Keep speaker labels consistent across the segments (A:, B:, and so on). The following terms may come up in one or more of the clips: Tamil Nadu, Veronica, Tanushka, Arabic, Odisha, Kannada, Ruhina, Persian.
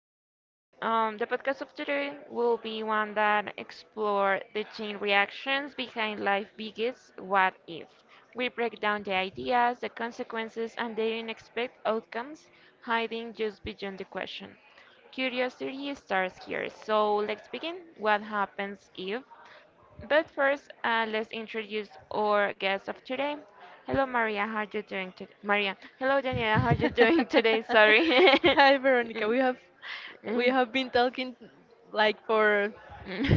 A: this is the podcast of today will be one that explore the chain reactions behind life biggest what if. We break down the ideas, the consequences, and the unexpected outcomes hiding just beyond the question. Curiosity starts here, so let's begin. What happens if? But first, let's introduce our guest of today. Hello, Maria. How are you doing today? Maria. Hello, Daniela. How are you doing today? Sorry.
B: Hi Veronica, we have been talking like for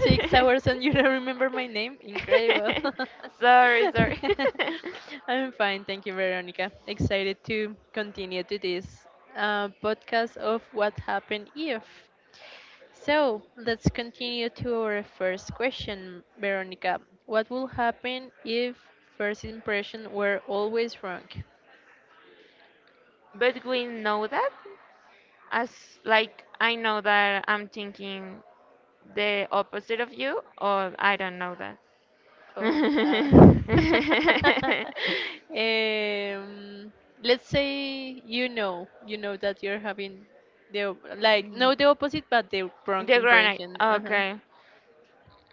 B: Six hours and you don't remember my name? Incredible.
A: Sorry, sorry.
B: I'm fine, thank you, Veronica. Excited to continue to this podcast of what happened if. So let's continue to our first question, Veronica. What will happen if first impression were always wrong?
A: But we know that as like I know that I'm thinking the opposite of you, or I don't know that.
B: Oh, nah. um, let's say you know that you're having like
A: Mm,
B: no the opposite, but the wrong
A: the granite.
B: impression. Uh-huh.
A: Okay.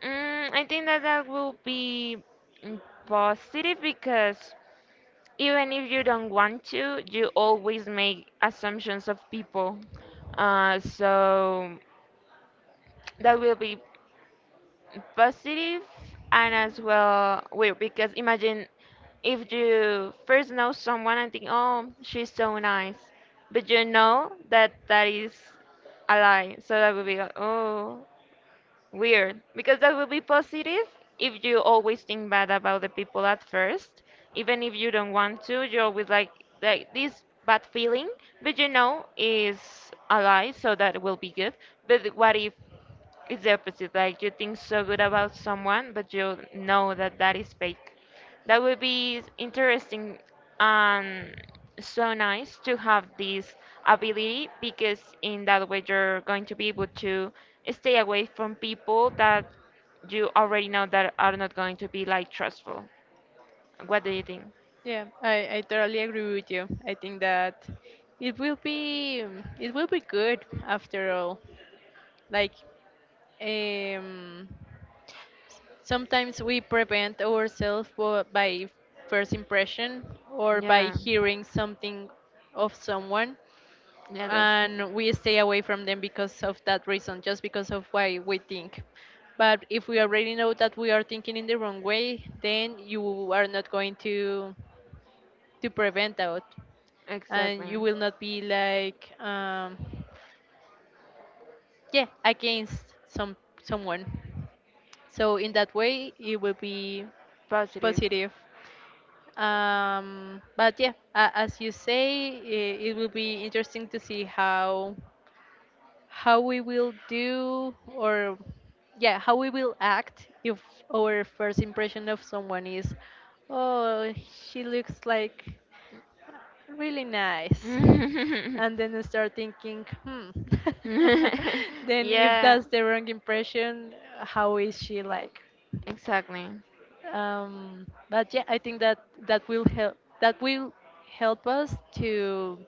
A: I think that that will be mm, positive because even if you don't want to, you always make assumptions of people. So that will be positive and as well weird because imagine if you first know someone and think, oh, she's so nice, but you know that that is a lie, so that would be like, oh, weird, because that would be positive. If you always think bad about the people at first, even if you don't want to, you're always like this bad feeling, but you know is a lie, so that will be good. But what if it's the opposite? Like you think so good about someone, but you know that that is fake. That would be interesting and so nice to have this ability, because in that way you're going to be able to stay away from people that you already know that are not going to be like trustful. What do you think?
B: Yeah, I totally agree with you. I think that it will be it will be good after all. Like um, sometimes we prevent ourselves by first impression or by
A: Yeah.
B: hearing something of someone,
A: Yeah, that's true.
B: and we stay away from them because of that reason, just because of why we think. But if we already know that we are thinking in the wrong way, then you are not going to prevent that, and
A: Exactly.
B: you will not be like yeah, against someone. So in that way, it will be
A: Positive.
B: positive. But yeah, as you say, it will be interesting to see how we will do, or yeah, how we will act if our first impression of someone is, oh, she looks like really nice. And then I start thinking, hmm. Then if
A: Yeah.
B: that's the wrong impression, how is she like?
A: Exactly.
B: But yeah, I think that that will help us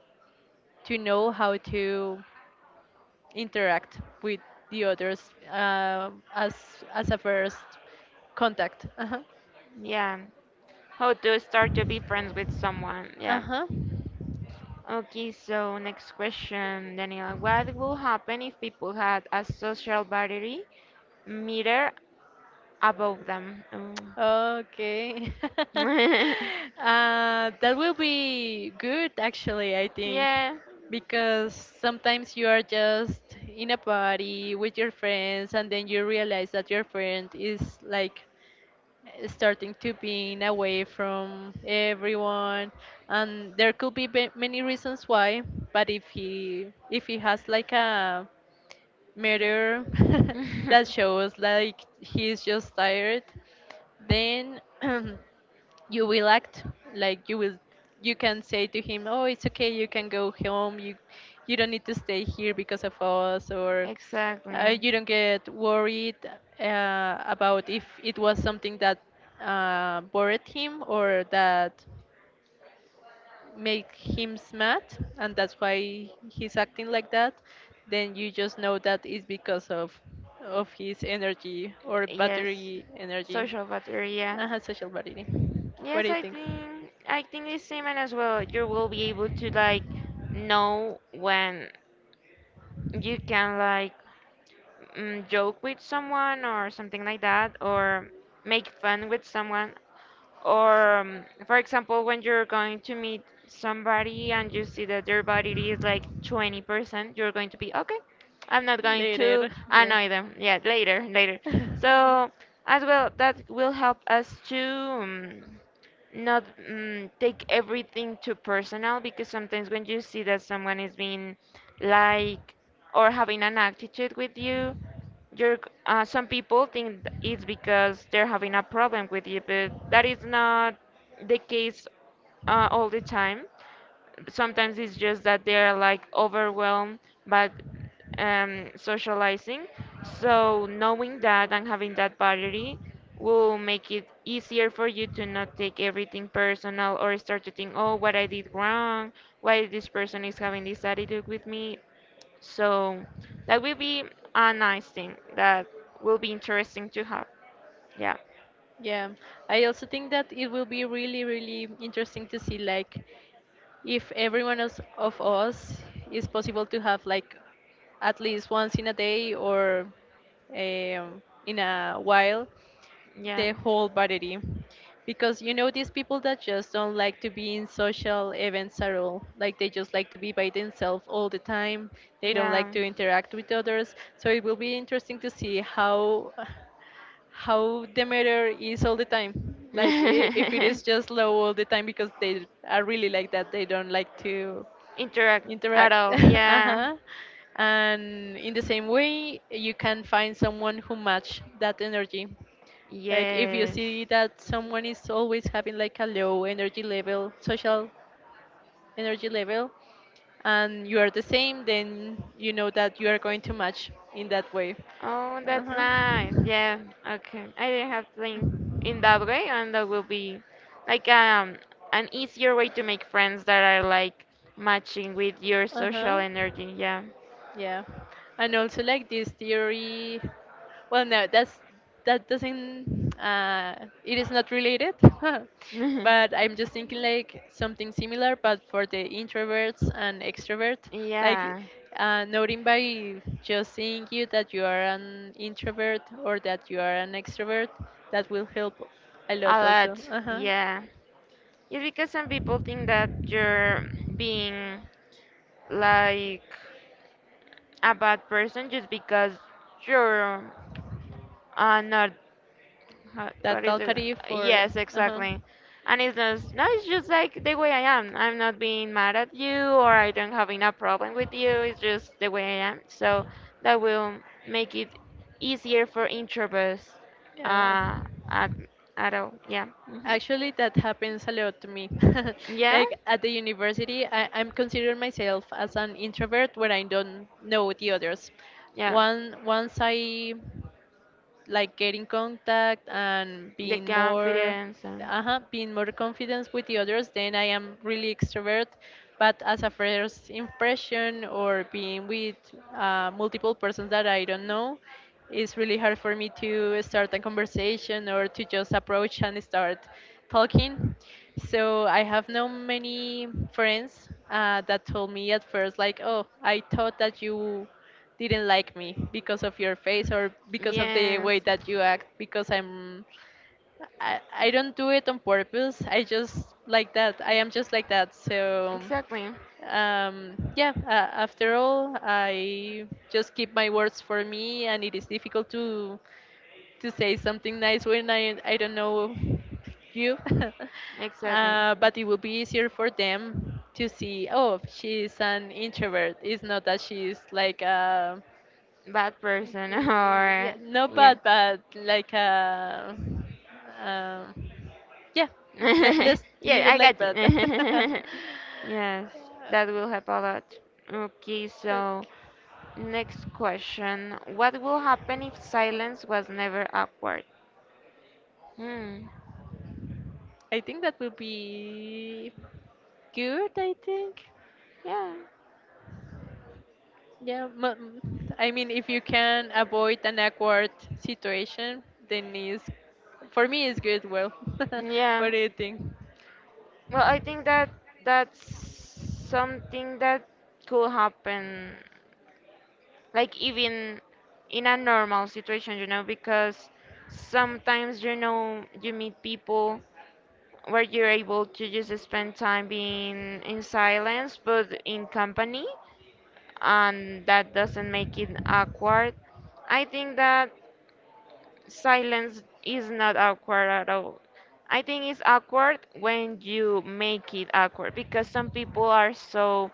B: to know how to interact with the others, as a first contact. Uh huh.
A: Yeah. How to start to be friends with someone.
B: Uh
A: Yeah.
B: huh.
A: Okay, so next question, Daniel. What will happen if people had a social battery meter above them? Oh.
B: Okay. That will be good, actually, I think,
A: Yeah.
B: because sometimes you are just in a party with your friends, and then you realize that your friend is like starting to being away from everyone, and there could be many reasons why. But if he has like a mirror that shows like he's just tired, then you will act like you will you can say to him, oh, it's okay, you can go home, you don't need to stay here because of us, or
A: Exactly.
B: you don't get worried about if it was something that bored him or that make him mad and that's why he's acting like that. Then you just know that it's because of his energy or
A: Yes.
B: battery energy,
A: Social bacteria.
B: social battery. What do
A: Yes,
B: you think?
A: I think the same, and as well, you will be able to like know when you can like joke with someone or something like that, or make fun with someone. Or, for example, when you're going to meet somebody and you see that their body is like 20%, you're going to be okay. I'm not going to
B: Later. Yeah.
A: annoy them. Yeah, later, later. So, as well, that will help us to not take everything too personal, because sometimes when you see that someone is being like or having an attitude with you, some people think it's because they're having a problem with you, but that is not the case all the time. Sometimes it's just that they're like overwhelmed by socializing. So knowing that and having that boundary will make it easier for you to not take everything personal or start to think, oh, what I did wrong, why this person is having this attitude with me. So that will be a nice thing that will be interesting to have. Yeah.
B: Yeah, I also think that it will be really, really interesting to see, like, if everyone else of us is possible to have like at least once in a day or in a while,
A: Yeah.
B: the whole body, because you know these people that just don't like to be in social events at all, like they just like to be by themselves all the time. They don't like
A: Yeah.
B: to interact with others, so it will be interesting to see how the matter is all the time, like if it is just low all the time because they are really like that, they don't like to
A: Interact at
B: interact.
A: all. Yeah.
B: Uh-huh. And in the same way, you can find someone who match that energy, like if you
A: Yes.
B: see that someone is always having like a low energy level, social energy level, and you are the same, then you know that you are going to match in that way.
A: Oh, that's
B: Uh-huh.
A: nice. Yeah. Okay. I didn't have to think in that way, and that will be like an easier way to make friends that are like matching with your
B: Uh huh.
A: social energy. Yeah.
B: Yeah, and also like this theory. Well, no, that's that doesn't. Uh, it is not related, but I'm just thinking like something similar, but for the introverts and extrovert, like
A: Yeah,
B: noting by just seeing you that you are an introvert or that you are an extrovert, that will help a
A: a
B: lot
A: lot.
B: also. Uh huh.
A: Yeah. It's because some people think that you're being like a bad person just because you're not. How,
B: That
A: what is it?
B: talkative for.
A: Yes,
B: Uh huh.
A: exactly. And it's just, no, it's just like the way I am. I'm not being mad at you or I don't having a problem with you. It's just the way I am. So that will make it easier for introverts
B: Yeah.
A: uh, at, at all. Yeah. Hmm.
B: Actually, that happens a lot to me.
A: Yeah?
B: Like at the university, I'm considering myself as an introvert when I don't know the others.
A: Yeah.
B: One Once I like getting contact and
A: The confidence and.
B: being more confident with the others, then I am really extrovert. But as a first impression, or being with multiple persons that I don't know, it's really hard for me to start a conversation or to just approach and start talking. So I have known many friends that told me at first, like, oh, I thought that you didn't like me because of your face or because of the
A: Yes.
B: way that you act, because I'm I don't do it on purpose, I just like that, I am just like that. So
A: Exactly.
B: yeah, after all, I just keep my words for me, and it is difficult to say something nice when I don't know you.
A: Exactly.
B: But it will be easier for them to see, oh, she's an introvert, it's not that she's like a.
A: Bad person.
B: Yeah,
A: Or
B: not
A: yeah.
B: bad, but like um, yeah. Let, let's leave
A: Yeah,
B: it
A: I
B: like
A: got you.
B: that.
A: Yes, that will help a lot. Okay,
B: Okay.
A: so next question. What will happen if silence was never awkward? Hmm.
B: I think that would be good. I think.
A: Yeah.
B: Yeah. I mean, if you can avoid an awkward situation, then is for me it's good. Well,
A: Yeah.
B: what do you think?
A: Well, I think that that's something that could happen, like even in a normal situation, you know, because sometimes, you know, you meet people where you're able to just spend time being in silence, but in company, and that doesn't make it awkward. I think that silence is not awkward at all. I think it's awkward when you make it awkward because some people are so,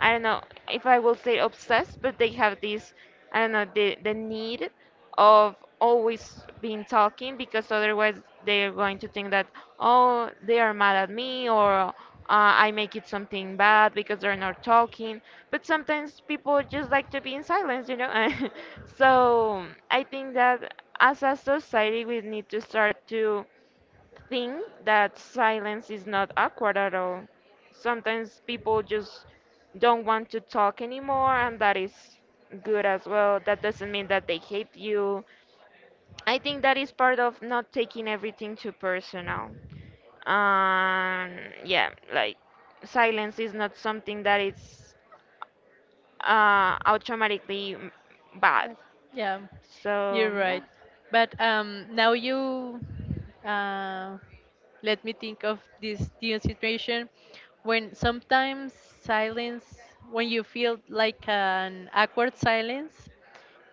A: I don't know if I will say obsessed, but they have this, I don't know, the need of always being talking, because otherwise they are going to think that, oh, they are mad at me, or I make it something bad because they're not talking. But sometimes people just like to be in silence, you know? So I think that as a society, we need to start to think that silence is not awkward at all. Sometimes people just don't want to talk anymore, and that is good as well. That doesn't mean that they hate you. I think that is part of not taking everything too personal. And yeah, like silence is not something that is automatically bad.
B: Yeah, you're
A: So
B: right.
A: yeah.
B: But now you uh, let me think of this new situation, when sometimes silence, when you feel like an awkward silence,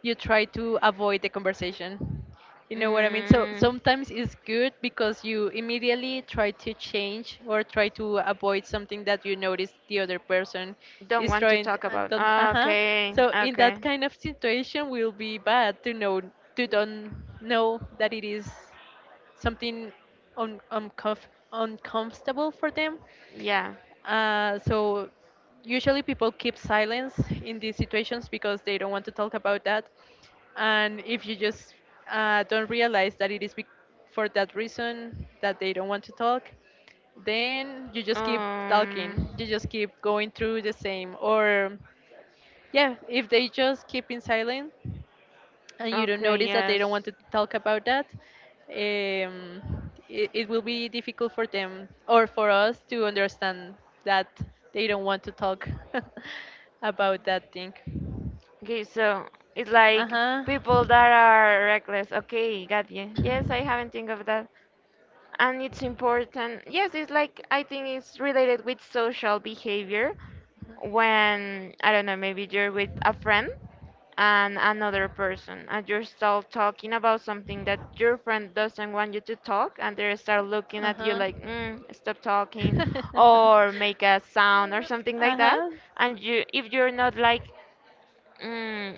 B: you try to avoid the conversation. You know what I mean? So
A: Mm.
B: sometimes it's good because you immediately try to change or try to avoid something that you notice the other person
A: Don't
B: is
A: want to
B: trying. To,
A: talk about.
B: don't,
A: Ah,
B: uh-huh.
A: okay,
B: So in that
A: okay.
B: kind of situation, will be bad to know to don't know that it is something un, uncomf- uncomfortable for them.
A: Yeah.
B: So usually people keep silence in these situations because they don't want to talk about that. And if you just don't realize that it is bec for that reason that they don't want to talk, then you just keep
A: Um.
B: talking. You just keep going through the same. Or, yeah, if they just keep in silence, and you don't
A: Okay.
B: notice that they
A: Yes.
B: don't want to talk about that, um, it, it will be difficult for them or for us to understand that they don't want to talk about that thing.
A: Okay, so it's
B: Uh
A: like
B: huh.
A: people that are reckless. Okay, got you. Yes, I haven't think of that. And it's important. Yes, it's like I think it's related with social behavior, when I don't know, maybe you're with a friend and another person, and you're still talking about something that your friend doesn't want you to talk, and they start looking
B: Uh
A: at you
B: huh.
A: like, mm, stop talking, or make a sound or something
B: Uh
A: like that.
B: huh.
A: And you, if you're not like mm,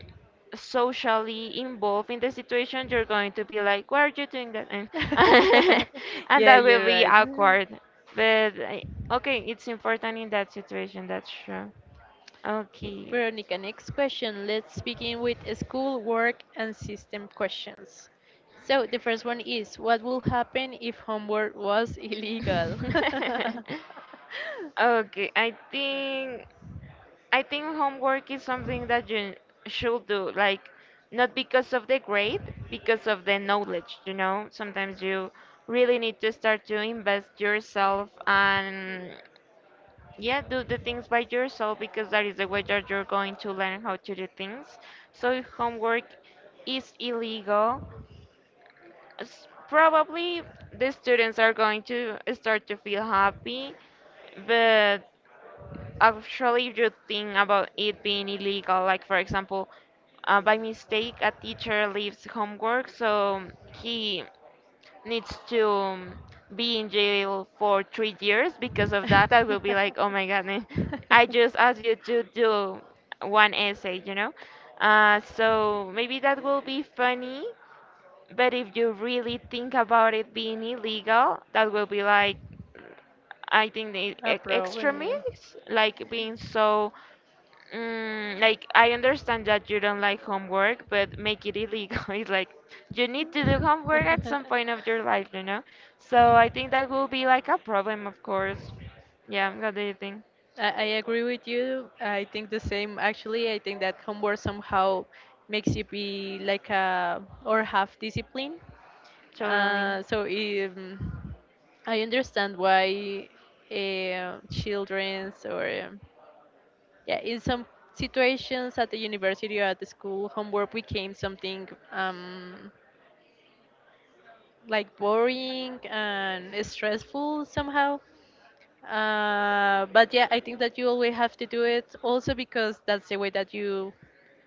A: socially involved in the situation, you're going to be like, "Why are you doing that?" And and
B: Yeah,
A: that will
B: you're
A: be
B: right.
A: awkward. But I- okay, it's important in that situation. That's true.
B: Okay,
A: Okay.
B: Veronica, next question. Let's begin with school, work, and system questions. So the first one is, what will happen if homework was illegal?
A: Okay, I think homework is something that you should do, like not because of the grade, because of the knowledge, you know? Sometimes you really need to start to invest yourself and yeah, do the things by yourself, because that is the way that you're going to learn how to do things. So if homework is illegal, probably the students are going to start to feel happy, but actually, if you think about it being illegal, like for example, by mistake a teacher leaves homework, so he needs to be in jail for 3 years because of that. I will be like, oh my goodness, I just asked you to do one essay, you know? So maybe that will be funny, but if you really think about it being illegal, that will be like, I think the
B: A problem, yeah.
A: extremists, like being so, mm, like I understand that you don't like homework, but make it illegal. It's like you need to do homework at some point of your life, you know? So I think that will be like a problem, of course. Yeah, what do you think?
B: I agree with you. I think the same. Actually, I think that homework somehow makes you be like a or have discipline.
A: Totally.
B: So I understand why childrens or yeah, in some situations at the university or at the school, homework became something like boring and stressful somehow. But yeah, I think that you always have to do it also, because that's the way that you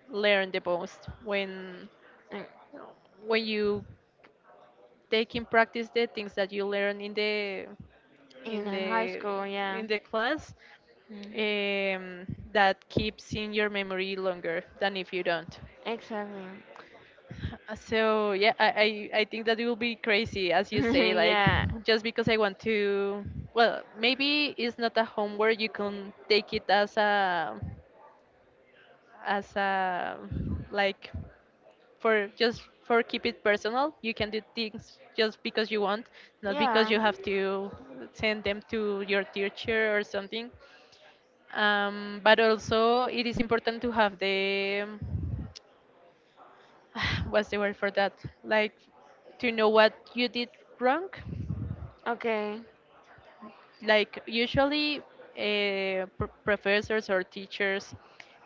B: learn the most
A: Mm,
B: when you take in practice the things that you learn in the
A: in
B: in
A: a high
B: the
A: school, yeah.
B: in the class,
A: Mm.
B: um, that keeps in your memory longer than if you don't.
A: Exactly.
B: So yeah, I I think that it will be crazy, as you say, like
A: Yeah,
B: just because I want to. Well, maybe it's not a homework. You can take it as a like for just for keep it personal. You can do things just because you want, not because
A: yeah.
B: you have to send them to your teacher or something. But also, it is important to have the what's the word for that? Like to know what you did wrong.
A: Okay.
B: Like usually, professors or teachers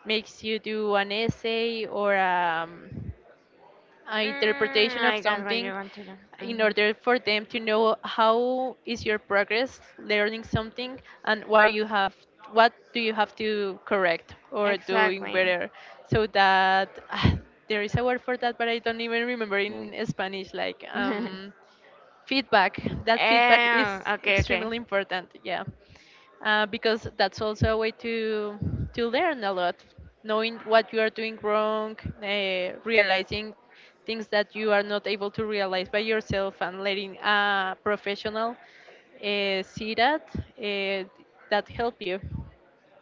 B: makes you do an essay or
A: Mm,
B: interpretation of
A: I got what you
B: something
A: want to do.
B: in
A: Mhm.
B: order for them to know how is your progress learning something, and what you have what do you have to correct or doing
A: Exactly.
B: better, so that there is a word for that, but I don't even remember
A: Right.
B: in Spanish, like feedback. That feedback
A: Eh,
B: is
A: okay, okay.
B: extremely important. Yeah. Because that's also a way to learn a lot, knowing what you are doing wrong, realizing things that you are not able to realize by yourself, and letting a professional see that uh, that help you.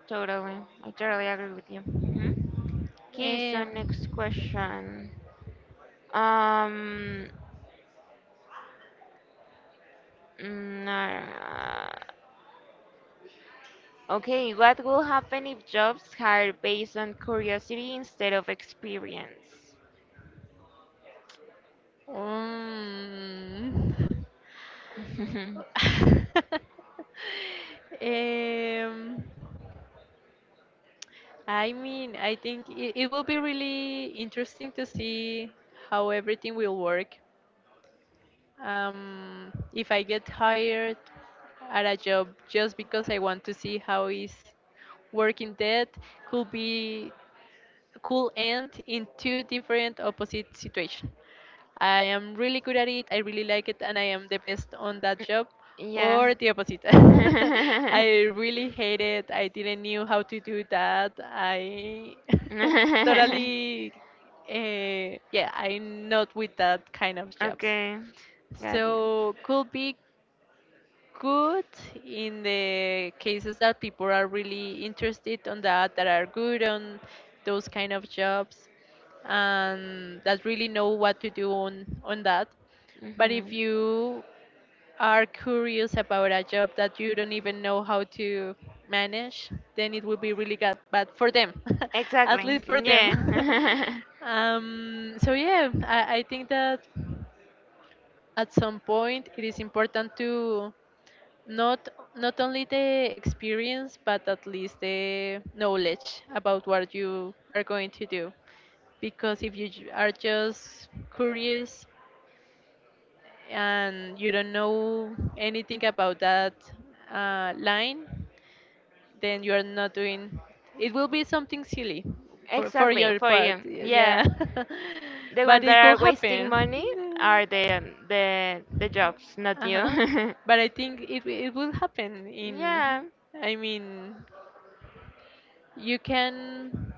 A: Totally. I totally agree with you. Hmm. Okay, so
B: um,
A: next question. Um, mm, uh, okay, what will happen if jobs hire based on curiosity instead of experience?
B: um, um, I mean, I think it will be really interesting to see how everything will work. If I get hired at a job just because I want to see how is working that, could be could end in two different opposite situations. I am really good at it, I really like it, and I am the best on that job,
A: Yeah.
B: or the opposite. I really hate it. I didn't knew how to do that. I totally, yeah, I'm not with that kind of jobs.
A: Okay, got you.
B: So could be good in the cases that people are really interested on that, that are good on those kind of jobs, and that really know what to do on that. But if
A: Mhm.
B: you are curious about a job that you don't even know how to manage, then it will be really bad for them, at
A: Exactly.
B: least for them.
A: Yeah.
B: So yeah, I think that at some point it is important to not not only the experience but at least the knowledge about what you are going to do because if you are just curious and you don't know anything about that line then you are not doing it will be something silly for
A: Exactly,
B: your
A: for
B: part,
A: you.
B: yeah.
A: Yeah. The
B: But
A: ones that
B: it could
A: are wasting
B: happen.
A: money are the jobs, not
B: Uh-huh.
A: you.
B: But I think it will happen in,
A: Yeah,
B: I mean, you can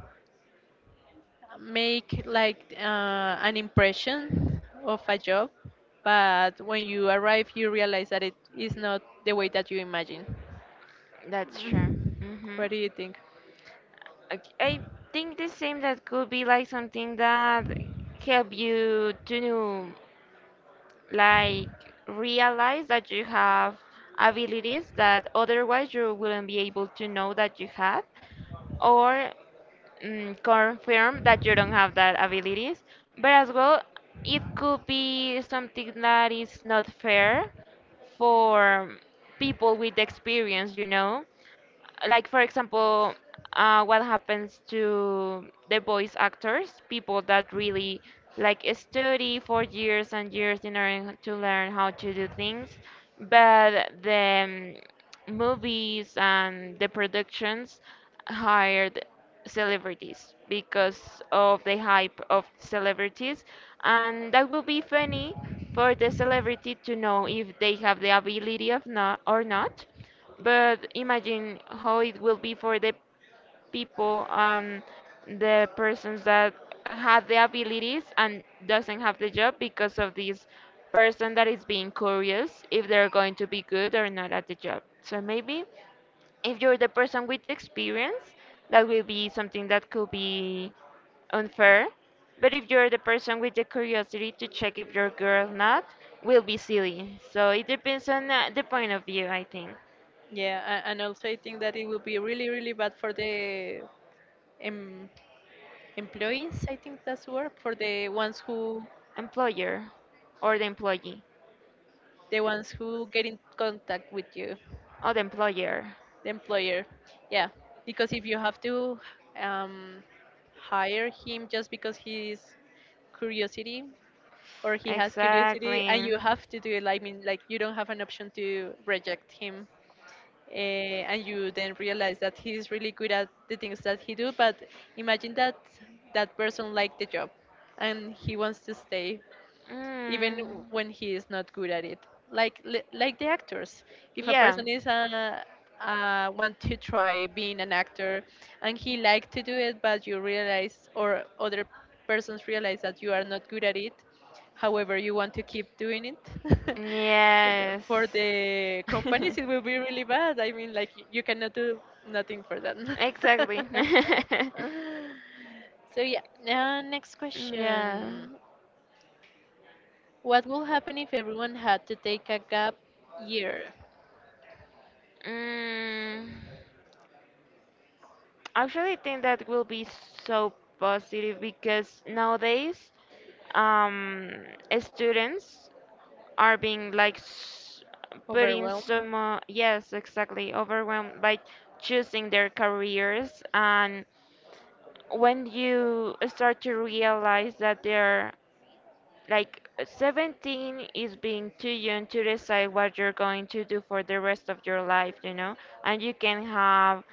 B: make like an impression of a job, but when you arrive you realize that it is not the way that you imagine.
A: that's true.
B: Mm.
A: Hmm.
B: What do you think?
A: Okay, I think the same, that could be like something that help you to know, like realize that you have abilities that otherwise you wouldn't be able to know that you have, or confirm that you don't have that abilities, but as well, it could be something that is not fair for people with experience, you know, like for example, what happens to the voice actors, people that really like study for years and years in order to learn how to do things, but the, movies and the productions hired celebrities because of the hype of celebrities. And that will be funny for the celebrity to know if they have the ability of not or not, but imagine how it will be for the people and the persons that have the abilities and doesn't have the job because of this person that is being curious if they're going to be good or not at the job. So maybe if you're the person with the experience, that will be something that could be unfair. But if you're the person with the curiosity to check if you're good or not, will be silly. So it depends on the point of view, I think.
B: Yeah, and also I think that it will be really, really bad for the em employees, I think that's the word, for
A: Employer or the employee
B: the ones who get in contact with you.
A: or the employer,
B: The employer, yeah. Because if you have to um, hire him just because he's curiosity, or he has curiosity and
A: exactly.
B: you have to do it, like, I mean, like you don't have an option to reject him, and you then realize that he's really good at the things that he do. But imagine that that person liked the job and he wants to stay even
A: Mm.
B: when he is not good at it. Like like the actors, if a
A: Yeah.
B: person is a want to try being an actor and he like to do it, but you realize, or other persons realize that you are not good at it. However, you want to keep doing it.
A: Yes.
B: For the companies, it will be really bad. I mean, like you cannot do nothing for them.
A: Exactly.
B: So yeah. Next
A: Yeah.
B: question. What would happen if everyone had to take a gap year?
A: Mm, actually, think that will be so positive because nowadays, um, students are being like put
B: Overwhelm.
A: so much, yes, exactly, overwhelmed by choosing their careers. And when you start to realize that they're like 17 is being too young to decide what you're going to do for the rest of your life, and you can have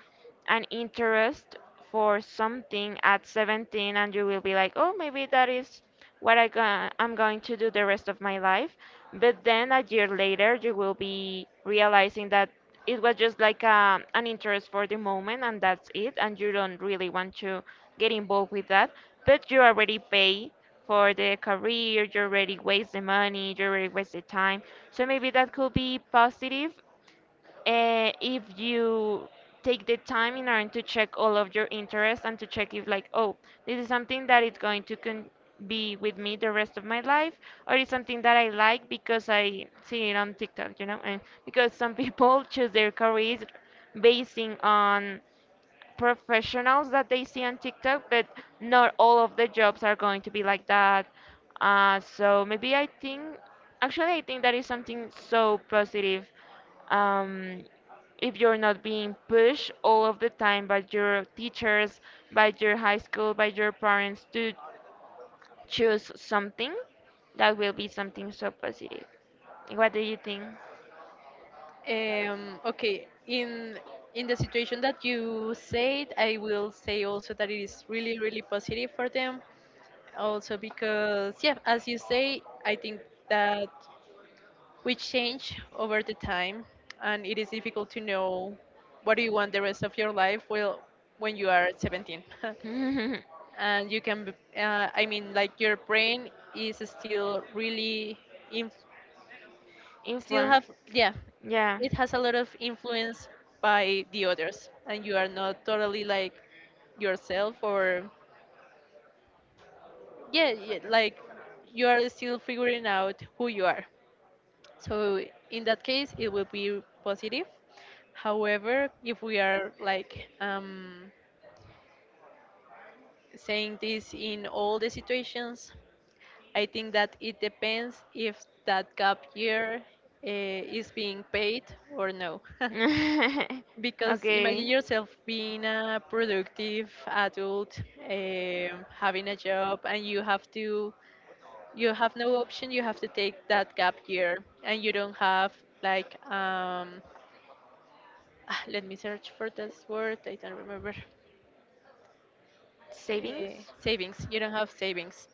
A: an interest for something at 17 and you will be like, oh, maybe that is what I'm going to do the rest of my life. But then a year later, you will be realizing that it was just like an interest for the moment and that's it. And you don't really want to get involved with that. But you already pay for the career, you already waste the money, you already waste the time. So maybe that could be positive if you take the time in order to check all of your interests and to check if like oh this is something that is going to be with me the rest of my life or it's something that I like because I see it on TikTok, and because some people choose their careers basing on professionals that they see on TikTok, but not all of the jobs are going to be like that. Uh, so maybe I think, actually, I think that is something so positive. Um, if you're not being pushed all of the time by your teachers, by your high school, by your parents to choose something, that will be something so positive. What do you think?
B: Okay, in the situation that you said, I will say also that it is really, really positive for them. Also because, yeah, as you say, I think that we change over the time, and it is difficult to know what do you want the rest of your life. Well, when you are 17.
A: because
B: And you can I mean, like your brain is still really inf-
A: it.
B: still have, yeah,
A: Yeah.
B: it has a lot of influence by the others and you are not totally like yourself or yeah, yeah, like you are still figuring out who you are. So in that case it will be positive. However, if we are like saying this in all the situations, I think that it depends if that gap year is being paid or no.
A: being big for
B: Because imagine yourself being a productive adult, um, having a job, and you have to, you have no option, you have to take that gap year, and you don't have, like, let me search for this word. I don't remember.
A: Savings?
B: Savings. You don't have savings.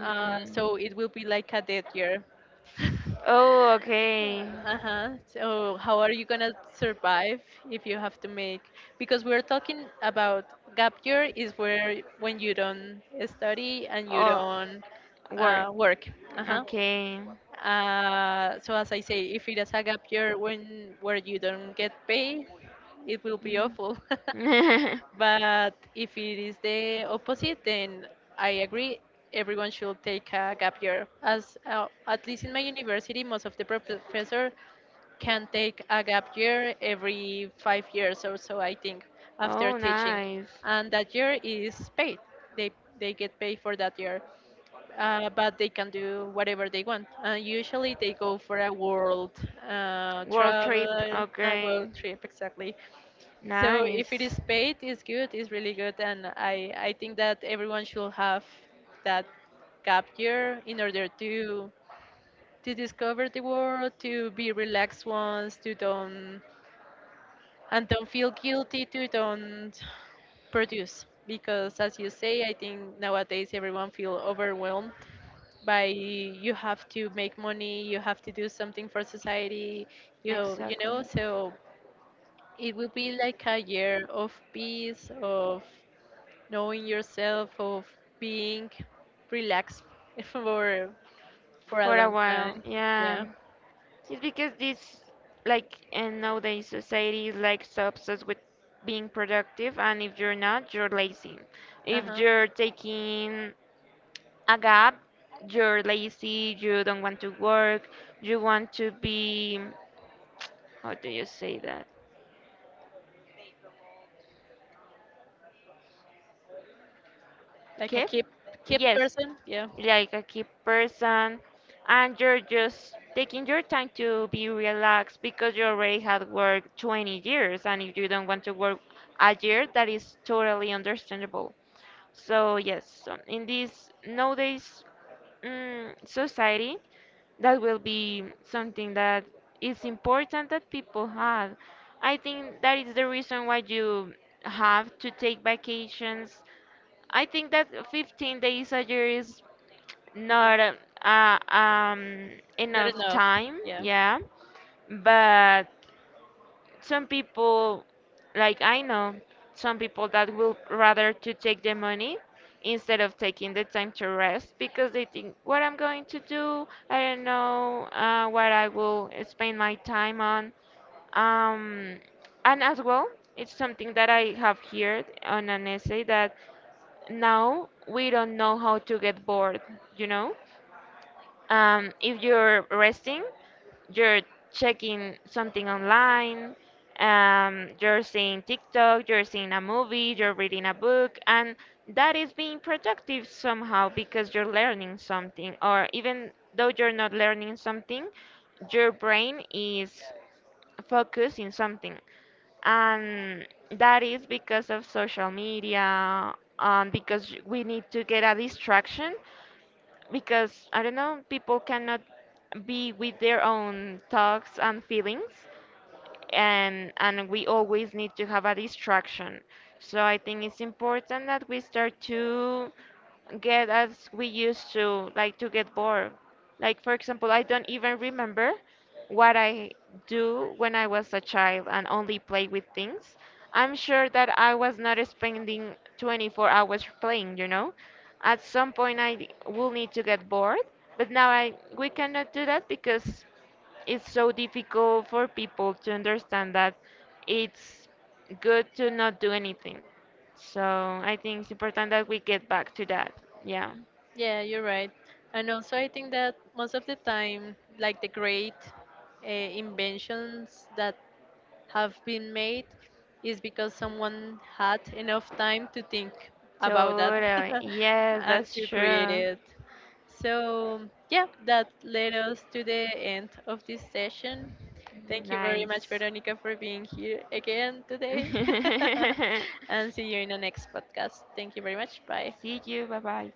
B: So it will be like a dead year.
A: Oh, okay.
B: Uh-huh. So how are you gonna survive if you have to make, because we're talking about gap year is where when you don't study and you
A: Oh,
B: don't
A: work.
B: work. Uh-huh.
A: Okay.
B: So as I say, if it is a gap year when where you don't get paid, it will be awful.
A: Mm.
B: But if it is the opposite, then I agree. Everyone should take a gap year. As at least in my university, most of the professor can take a gap year every 5 years or so, I think, after
A: Oh,
B: teaching.
A: nice.
B: And that year is paid. They, they get paid for that year, but they can do whatever they want. And usually they go for a world
A: World trip.
B: travel, a world
A: Okay.
B: trip, exactly. So if it is
A: Nice.
B: paid, it's good, it's really good. And I think that everyone should have that gap year in order to discover the world, to be relaxed ones, to don't and don't feel guilty to don't produce, because as you say, I think nowadays everyone feel overwhelmed by you have to make money, you have to do something for society, you
A: Exactly.
B: know, so it will be like a year of peace, of knowing yourself, of being relaxed for for a
A: For a
B: long
A: while.
B: time.
A: Yeah.
B: Yeah.
A: It's because this, like, and nowadays society is like so obsessed with being productive, and if you're not, you're lazy.
B: Uh
A: If
B: huh.
A: you're taking a gap, you're lazy, you don't want to work, you want to be, how do you say that?
B: Like a
A: Okay?
B: keep keep
A: Yes.
B: person. Yeah.
A: Like a key person, and you're just taking your time to be relaxed because you already had worked 20 years, and if you don't want to work a year, that is totally understandable. So yes, so in this nowadays society, that will be something that is important that people have. I think that is the reason why you have to take vacations. I think that 15 days a year is not uh, um,
B: Not
A: enough
B: enough.
A: time,
B: Yeah.
A: yeah. But some people, like I know, some people that will rather to take the money instead of taking the time to rest because they think what I'm going to do, I don't know what I will spend my time on. Um, and as well, it's something that I have heard on an essay that now we don't know how to get bored, you know? If you're resting, you're checking something online, you're seeing TikTok, you're seeing a movie, you're reading a book, and that is being productive somehow because you're learning something, or even though you're not learning something, your brain is focused in something, and that is because of social media, and because we need to get a distraction because I don't know, people cannot be with their own thoughts and feelings, and we always need to have a distraction. So I think it's important that we start to get as we used to like to get bored. Like for example, I don't even remember what I do when I was a child and only play with things. I'm sure that I was not spending 24 hours playing, you know. At some point I will need to get bored, but now I we cannot do that because it's so difficult for people to understand that it's good to not do anything. So I think it's important that we get back to that. Yeah.
B: Yeah, you're right. And also, I think that most of the time, like the great inventions that have been made is because someone had enough time to think about that
A: Totally. Yes,
B: and
A: that's
B: to create
A: true.
B: it. So, yeah, that led us to the end of this session. Thank you very much,
A: Nice.
B: Veronica, for being here again today. And see you in the next podcast. Thank you very much. Bye.
A: See you. Bye bye.